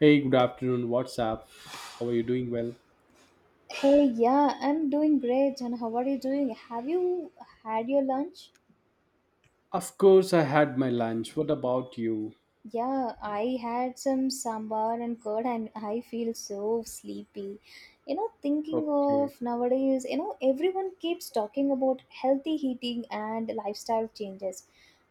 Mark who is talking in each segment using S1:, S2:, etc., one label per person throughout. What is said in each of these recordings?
S1: Hey, good afternoon. What's up? How are you doing?
S2: Hey, yeah, I'm doing great. And how are you doing? Have you had your lunch?
S1: Of course, I had my lunch. What about you?
S2: Yeah, I had some sambar and curd, and I feel so sleepy. Thinking
S1: Okay,
S2: of nowadays, everyone keeps talking about healthy eating and lifestyle changes.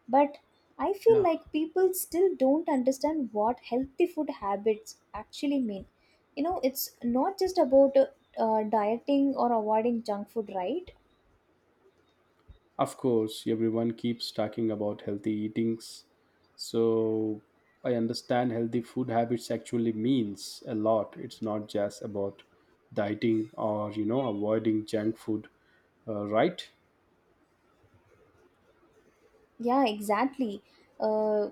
S2: But I feel
S1: yeah,
S2: like people still don't understand what healthy food habits actually mean. It's not just about dieting or avoiding junk food, right?
S1: of course, everyone keeps talking about healthy eatings. So I understand healthy food habits actually means a lot. It's not just about dieting or, avoiding junk food, right?
S2: Yeah, exactly. Uh,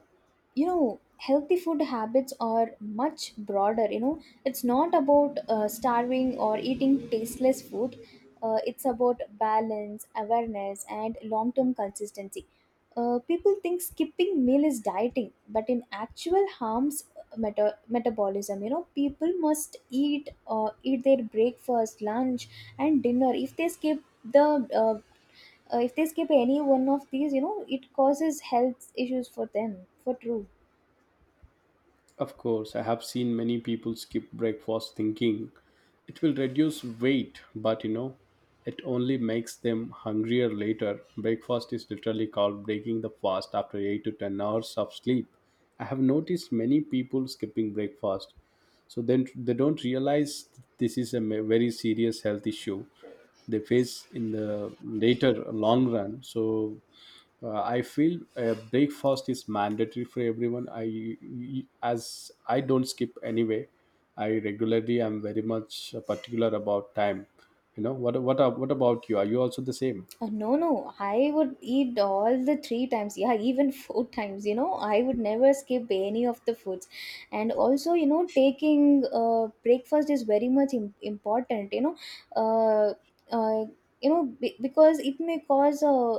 S2: healthy food habits are much broader. It's not about starving or eating tasteless food. It's about balance, awareness, and long term consistency. People think skipping meal is dieting, but in actual harms metabolism. People must eat their breakfast, lunch, and dinner. If they skip uh, any one of these, it causes health issues for them for true.
S1: Of course, I have seen many people skip breakfast thinking it will reduce weight, but it only makes them hungrier later. Breakfast is literally called breaking the fast after 8 to 10 hours of sleep. I have noticed many people skipping breakfast, so then they don't realize this is very serious health issue they face in the later long run. So I feel breakfast is mandatory for everyone. I, as I don't skip anyway, I regularly am very much particular about time. You know, what about you? Are you also the same?
S2: No, no, I would eat all the 3 times, yeah, even 4 times. I would never skip any of the foods. And also, taking breakfast is very much important. Uh, uh, because it may cause uh,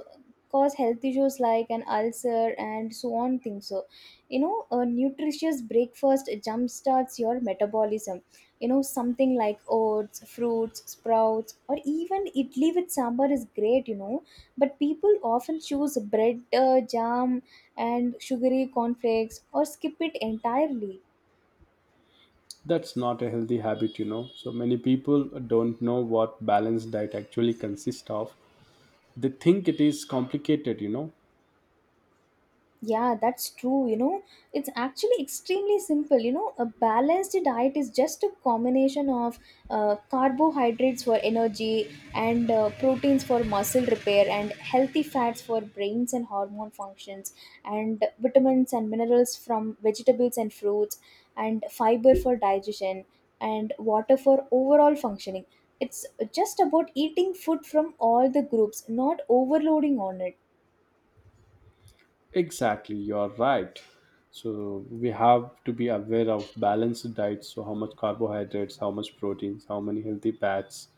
S2: cause health issues like an ulcer and so on things. So, a nutritious breakfast jumpstarts your metabolism. Something like oats, fruits, sprouts, or even idli with sambar is great. But people often choose bread, jam, and sugary cornflakes, or skip it entirely.
S1: That's not a healthy habit. You know, so many people don't know what balanced diet actually consists of. They think it is complicated, you know.
S2: Yeah, that's true. It's actually extremely simple. A balanced diet is just a combination of carbohydrates for energy, and proteins for muscle repair, and healthy fats for brains and hormone functions, and vitamins and minerals from vegetables and fruits, and fiber for digestion, and water for overall functioning. It's just about eating food from all the groups, not overloading on it.
S1: Exactly, you're right. So we have to be aware of balanced diets. So how much carbohydrates, how much proteins, how many healthy fats,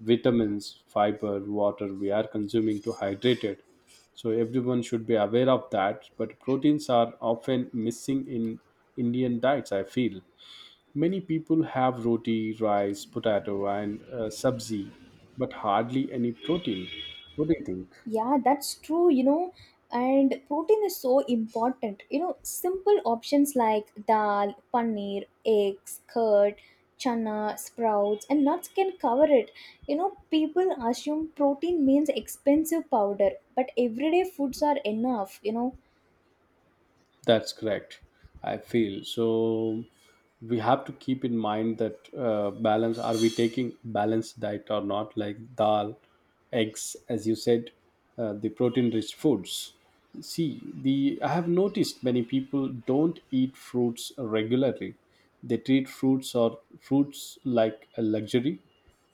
S1: vitamins, fiber, water we are consuming to hydrate it. So everyone should be aware of that. But proteins are often missing in Indian diets. I feel many people have roti, rice, potato, and sabzi, but hardly any protein. What do you think?
S2: Yeah, that's true. And protein is so important. Simple options like dal, paneer, eggs, curd, chana, sprouts, and nuts can cover it. People assume protein means expensive powder, but everyday foods are enough.
S1: That's correct. I feel so. We have to keep in mind that balance. Are we taking balanced diet or not? Like dal, eggs, as you said, the protein-rich foods. See, the I have noticed many people don't eat fruits regularly. They treat fruits or fruits like a luxury.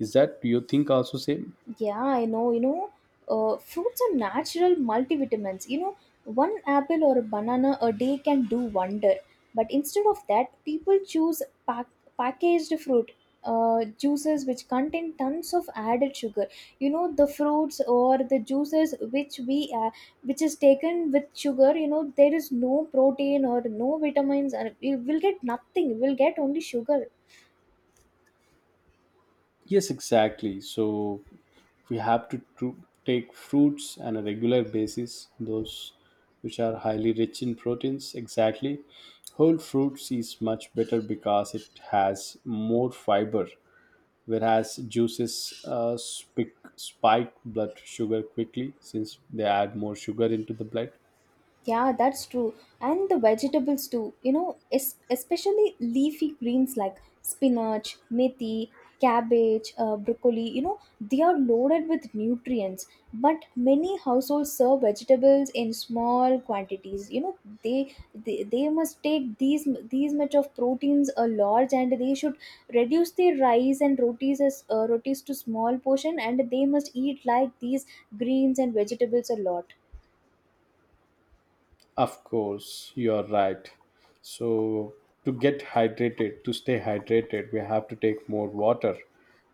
S1: Is that, do you think, also same?
S2: Yeah, I know. Fruits are natural multivitamins. One apple or a banana a day can do wonder. But instead of that, people choose packaged fruit juices which contain tons of added sugar. The fruits or the juices which is taken with sugar. There is no protein or no vitamins, and we will get nothing. We'll get only sugar.
S1: Yes, exactly. So we have to take fruits on a regular basis, those which are highly rich in proteins. Exactly. Whole fruits is much better because it has more fiber, whereas juices spike blood sugar quickly since they add more sugar into the blood.
S2: Yeah, that's true. And the vegetables too, especially leafy greens like spinach, methi, cabbage, broccoli, they are loaded with nutrients. But many households serve vegetables in small quantities. They must take these much of proteins a large, and they should reduce their rice and rotis as rotis to small portion, and they must eat like these greens and vegetables a lot.
S1: Of course, you are right. So, to get hydrated, to stay hydrated, we have to take more water.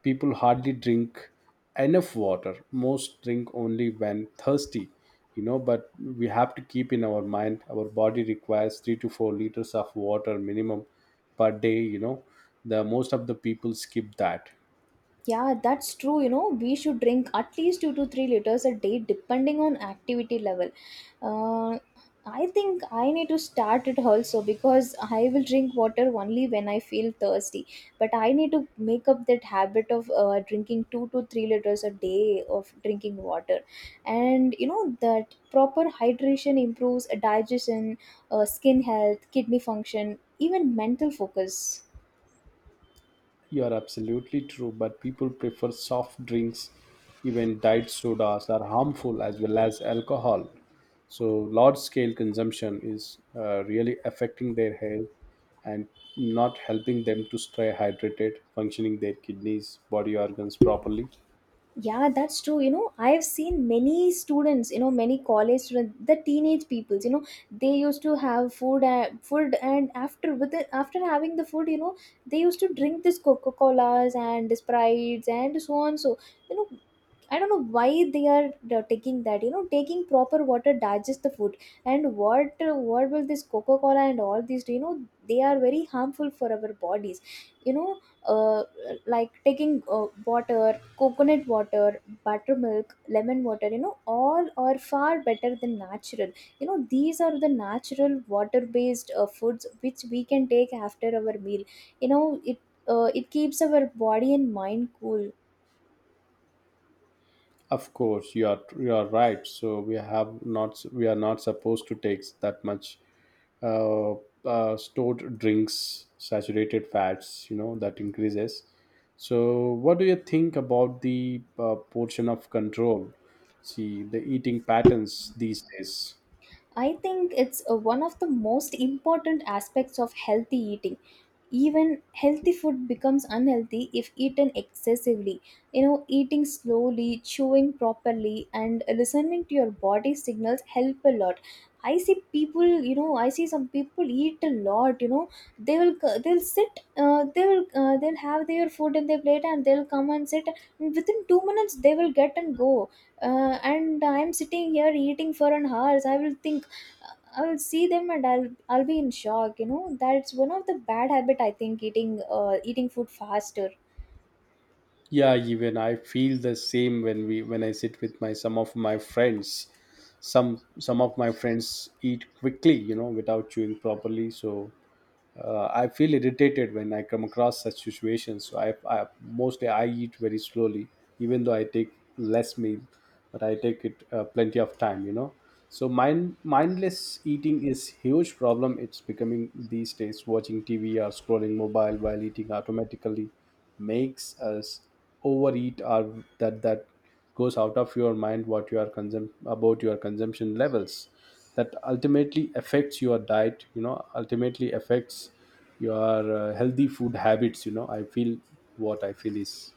S1: People hardly drink enough water. Most drink only when thirsty, you know, but we have to keep in our mind our body requires 3 to 4 liters of water minimum per day, you know. The most of the people skip that.
S2: Yeah, that's true. We should drink at least 2 to 3 liters a day, depending on activity level. Uh, I think I need to start it also because I will drink water only when I feel thirsty. But I need to make up that habit of drinking 2 to 3 liters a day of drinking water, and you know that proper hydration improves digestion, skin health, kidney function, even mental focus.
S1: You are absolutely true, but people prefer soft drinks, even diet sodas are harmful as well as alcohol. So, large scale consumption is really affecting their health and not helping them to stay hydrated, functioning their kidneys, body organs properly.
S2: Yeah, that's true. I've seen many students, many college students, the teenage peoples, they used to have food, and after with it, after having the food, they used to drink this Coca Colas and Sprites and so on. So, you know, I don't know why they are taking that. Taking proper water digest the food. And what will this coca cola and all these do? They are very harmful for our bodies. you know uh, like taking water, coconut water, buttermilk, lemon water, all are far better than natural. These are the natural water based foods which we can take after our meal. You know it uh, it keeps our body and mind cool.
S1: Of course, you are right. So we have not, we are not supposed to take that much uh, stored drinks, saturated fats. You know that increases. So what do you think about the portion of control? See the eating patterns these days.
S2: I think it's one of the most important aspects of healthy eating. Even healthy food becomes unhealthy if eaten excessively. Eating slowly, chewing properly, and listening to your body signals help a lot. I see people, I see some people eat a lot. They'll have their food in their plate, and they'll come and sit. And within 2 minutes, they will get and go, and I'm sitting here eating for an hour. I will think, I'll see them, and I'll be in shock. That's one of the bad habit I think, eating food faster.
S1: Yeah, even I feel the same when we when I sit with my some of my friends. Some of my friends eat quickly, you know, without chewing properly. So I feel irritated when I come across such situations. So I eat very slowly, even though I take less meal, but I take it plenty of time. You know, so mindless eating is huge problem. It's becoming these days. Watching TV or scrolling mobile while eating automatically makes us overeat, or that goes out of your mind, what you are consum- about your consumption levels. That ultimately affects your diet, you know, ultimately affects your healthy food habits. You know, I feel is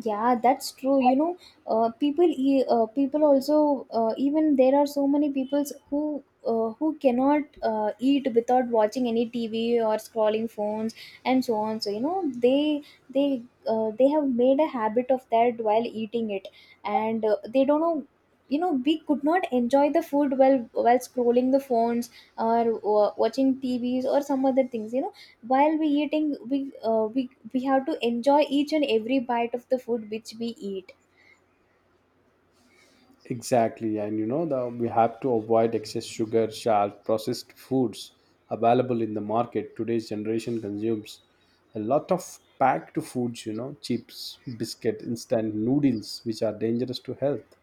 S2: Yeah, that's true. People also even there are so many people who cannot eat without watching any TV or scrolling phones and so on. So, they they have made a habit of that while eating it, and they don't know. We could not enjoy the food while scrolling the phones, or watching TVs or some other things. While we eating, we have to enjoy each and every bite of the food which we eat.
S1: exactly. And you know the, we have to avoid excess sugar, salt, processed foods available in the market. Today's generation consumes a lot of packed foods, you know, chips, biscuit, instant noodles, which are dangerous to health.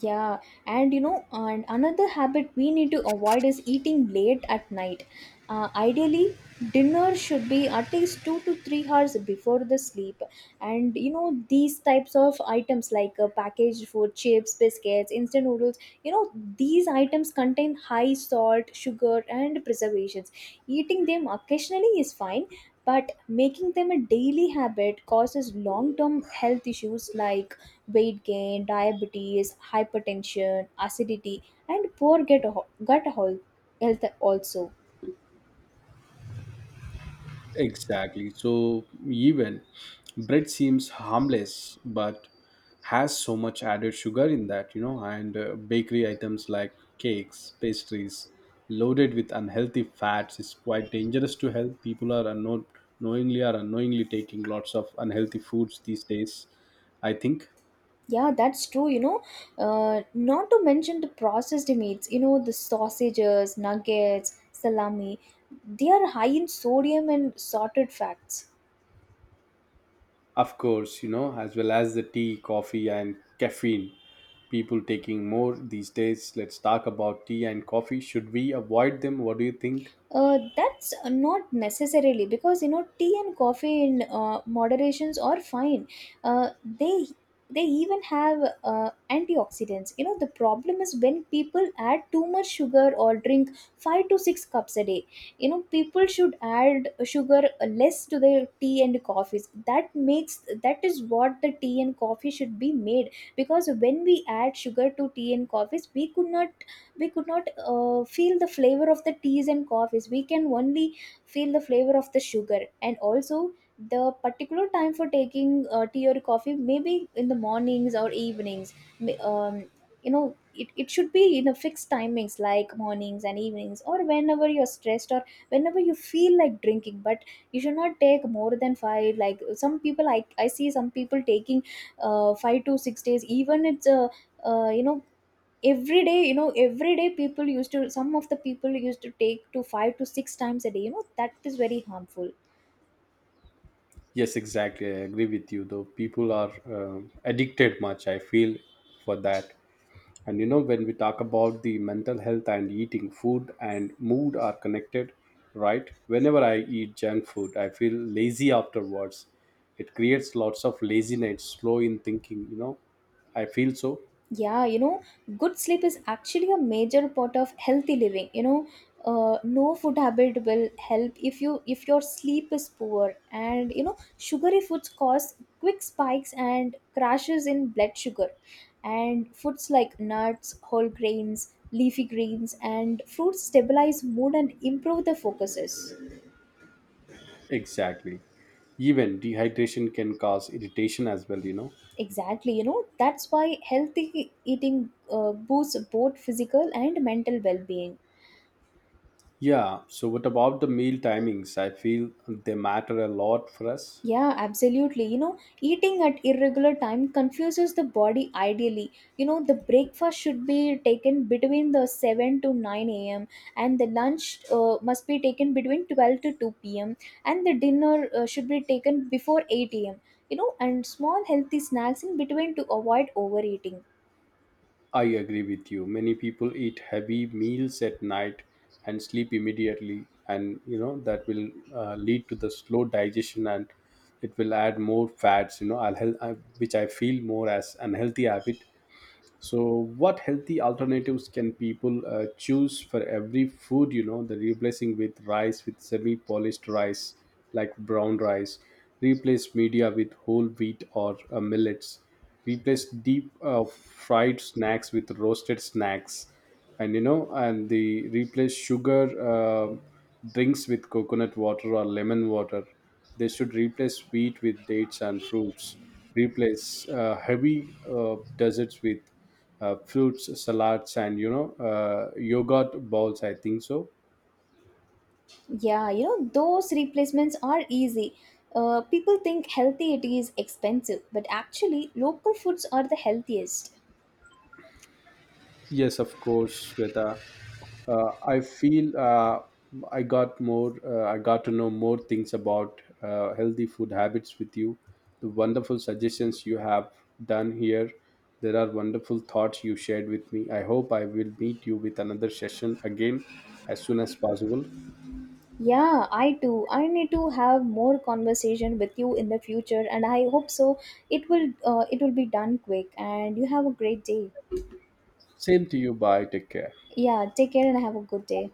S2: Yeah, and another habit we need to avoid is eating late at night. Ideally, dinner should be at least 2 to 3 hours before the sleep. And these types of items like packaged food, chips, biscuits, instant noodles, you know, these items contain high salt, sugar, and preservations. Eating them occasionally is fine. But making them a daily habit causes long term health issues like weight gain, diabetes, hypertension, acidity, and poor gut health also.
S1: Exactly. So even bread seems harmless, but has so much added sugar in that, you know, and bakery items like cakes, pastries, loaded with unhealthy fats is quite dangerous to health. People are unknown, knowingly or unknowingly taking lots of unhealthy foods these days. I think,
S2: Yeah, that's true. Not to mention the processed meats, the sausages, nuggets, salami, they are high in sodium and sorted fats.
S1: of course, you know, as well as the tea, coffee, and caffeine. People taking more these days. Let's talk about tea and coffee. Should we avoid them? What do you think?
S2: That's not necessarily, because tea and coffee in moderations are fine. Uh, they they even have antioxidants. The problem is when people add too much sugar or drink 5 to 6 cups a day. People should add sugar less to their tea and coffees. That is what the tea and coffee should be made, because when we add sugar to tea and coffees, we could not feel the flavor of the teas and coffees. We can only feel the flavor of the sugar. And also, the particular time for taking tea or coffee maybe in the mornings or evenings. It should be in a fixed timings like mornings and evenings, or whenever you're stressed or whenever you feel like drinking, but you should not take more than five. Like some people, I see some people taking 5 to 6 days, even. It's a uh, you know every day, every day, people used to some of the people used to take to 5 to 6 times a day. That is very harmful.
S1: Yes, exactly. I agree with you. Though people are addicted much, I feel, for that. And you know, when we talk about the mental health and eating, food and mood are connected, right? Whenever I eat junk food, I feel lazy afterwards. It creates lots of laziness, slow in thinking. You know, I feel so
S2: Yeah, good sleep is actually a major part of healthy living. No food habit will help if your sleep is poor. And sugary foods cause quick spikes and crashes in blood sugar, and foods like nuts, whole grains, leafy greens, and fruits stabilize mood and improve the focuses.
S1: exactly. Even dehydration can cause irritation as well. You know.
S2: Exactly, that's why healthy eating boosts both physical and mental well being.
S1: Yeah. So, what about the meal timings? I feel they matter a lot for us.
S2: Yeah, absolutely. Eating at irregular time confuses the body ideally. The breakfast should be taken between the 7 to 9 a.m., and the lunch must be taken between 12 to 2 p.m., and the dinner should be taken before 8 a.m. And small healthy snacks in between to avoid overeating.
S1: I agree with you. Many people eat heavy meals at night and sleep immediately, and you know that will lead to the slow digestion, and it will add more fats. You know, which I feel more as unhealthy habit. So, what healthy alternatives can people choose for every food? You know, the replacing with rice, with semi polished rice, like brown rice, replace media with whole wheat or millets, replace deep fried snacks with roasted snacks, and you know, and the replace sugar drinks with coconut water or lemon water. They should replace wheat with dates and fruits. Replace heavy desserts with fruits, salads, and yogurt bowls. I think so.
S2: Yeah, those replacements are easy. People think healthy eating is expensive, but actually, local foods are the healthiest.
S1: Yes, of course, Sweta. I feel I got more. I got to know more things about healthy food habits with you. The wonderful suggestions you have done here. There are wonderful thoughts you shared with me. I hope I will meet you with another session again as soon as possible.
S2: Yeah, I too. I need to have more conversation with you in the future, and I hope so. It will be done quick, and you have a great day.
S1: Same to you. Bye. Take care.
S2: Yeah, take care and have a good day.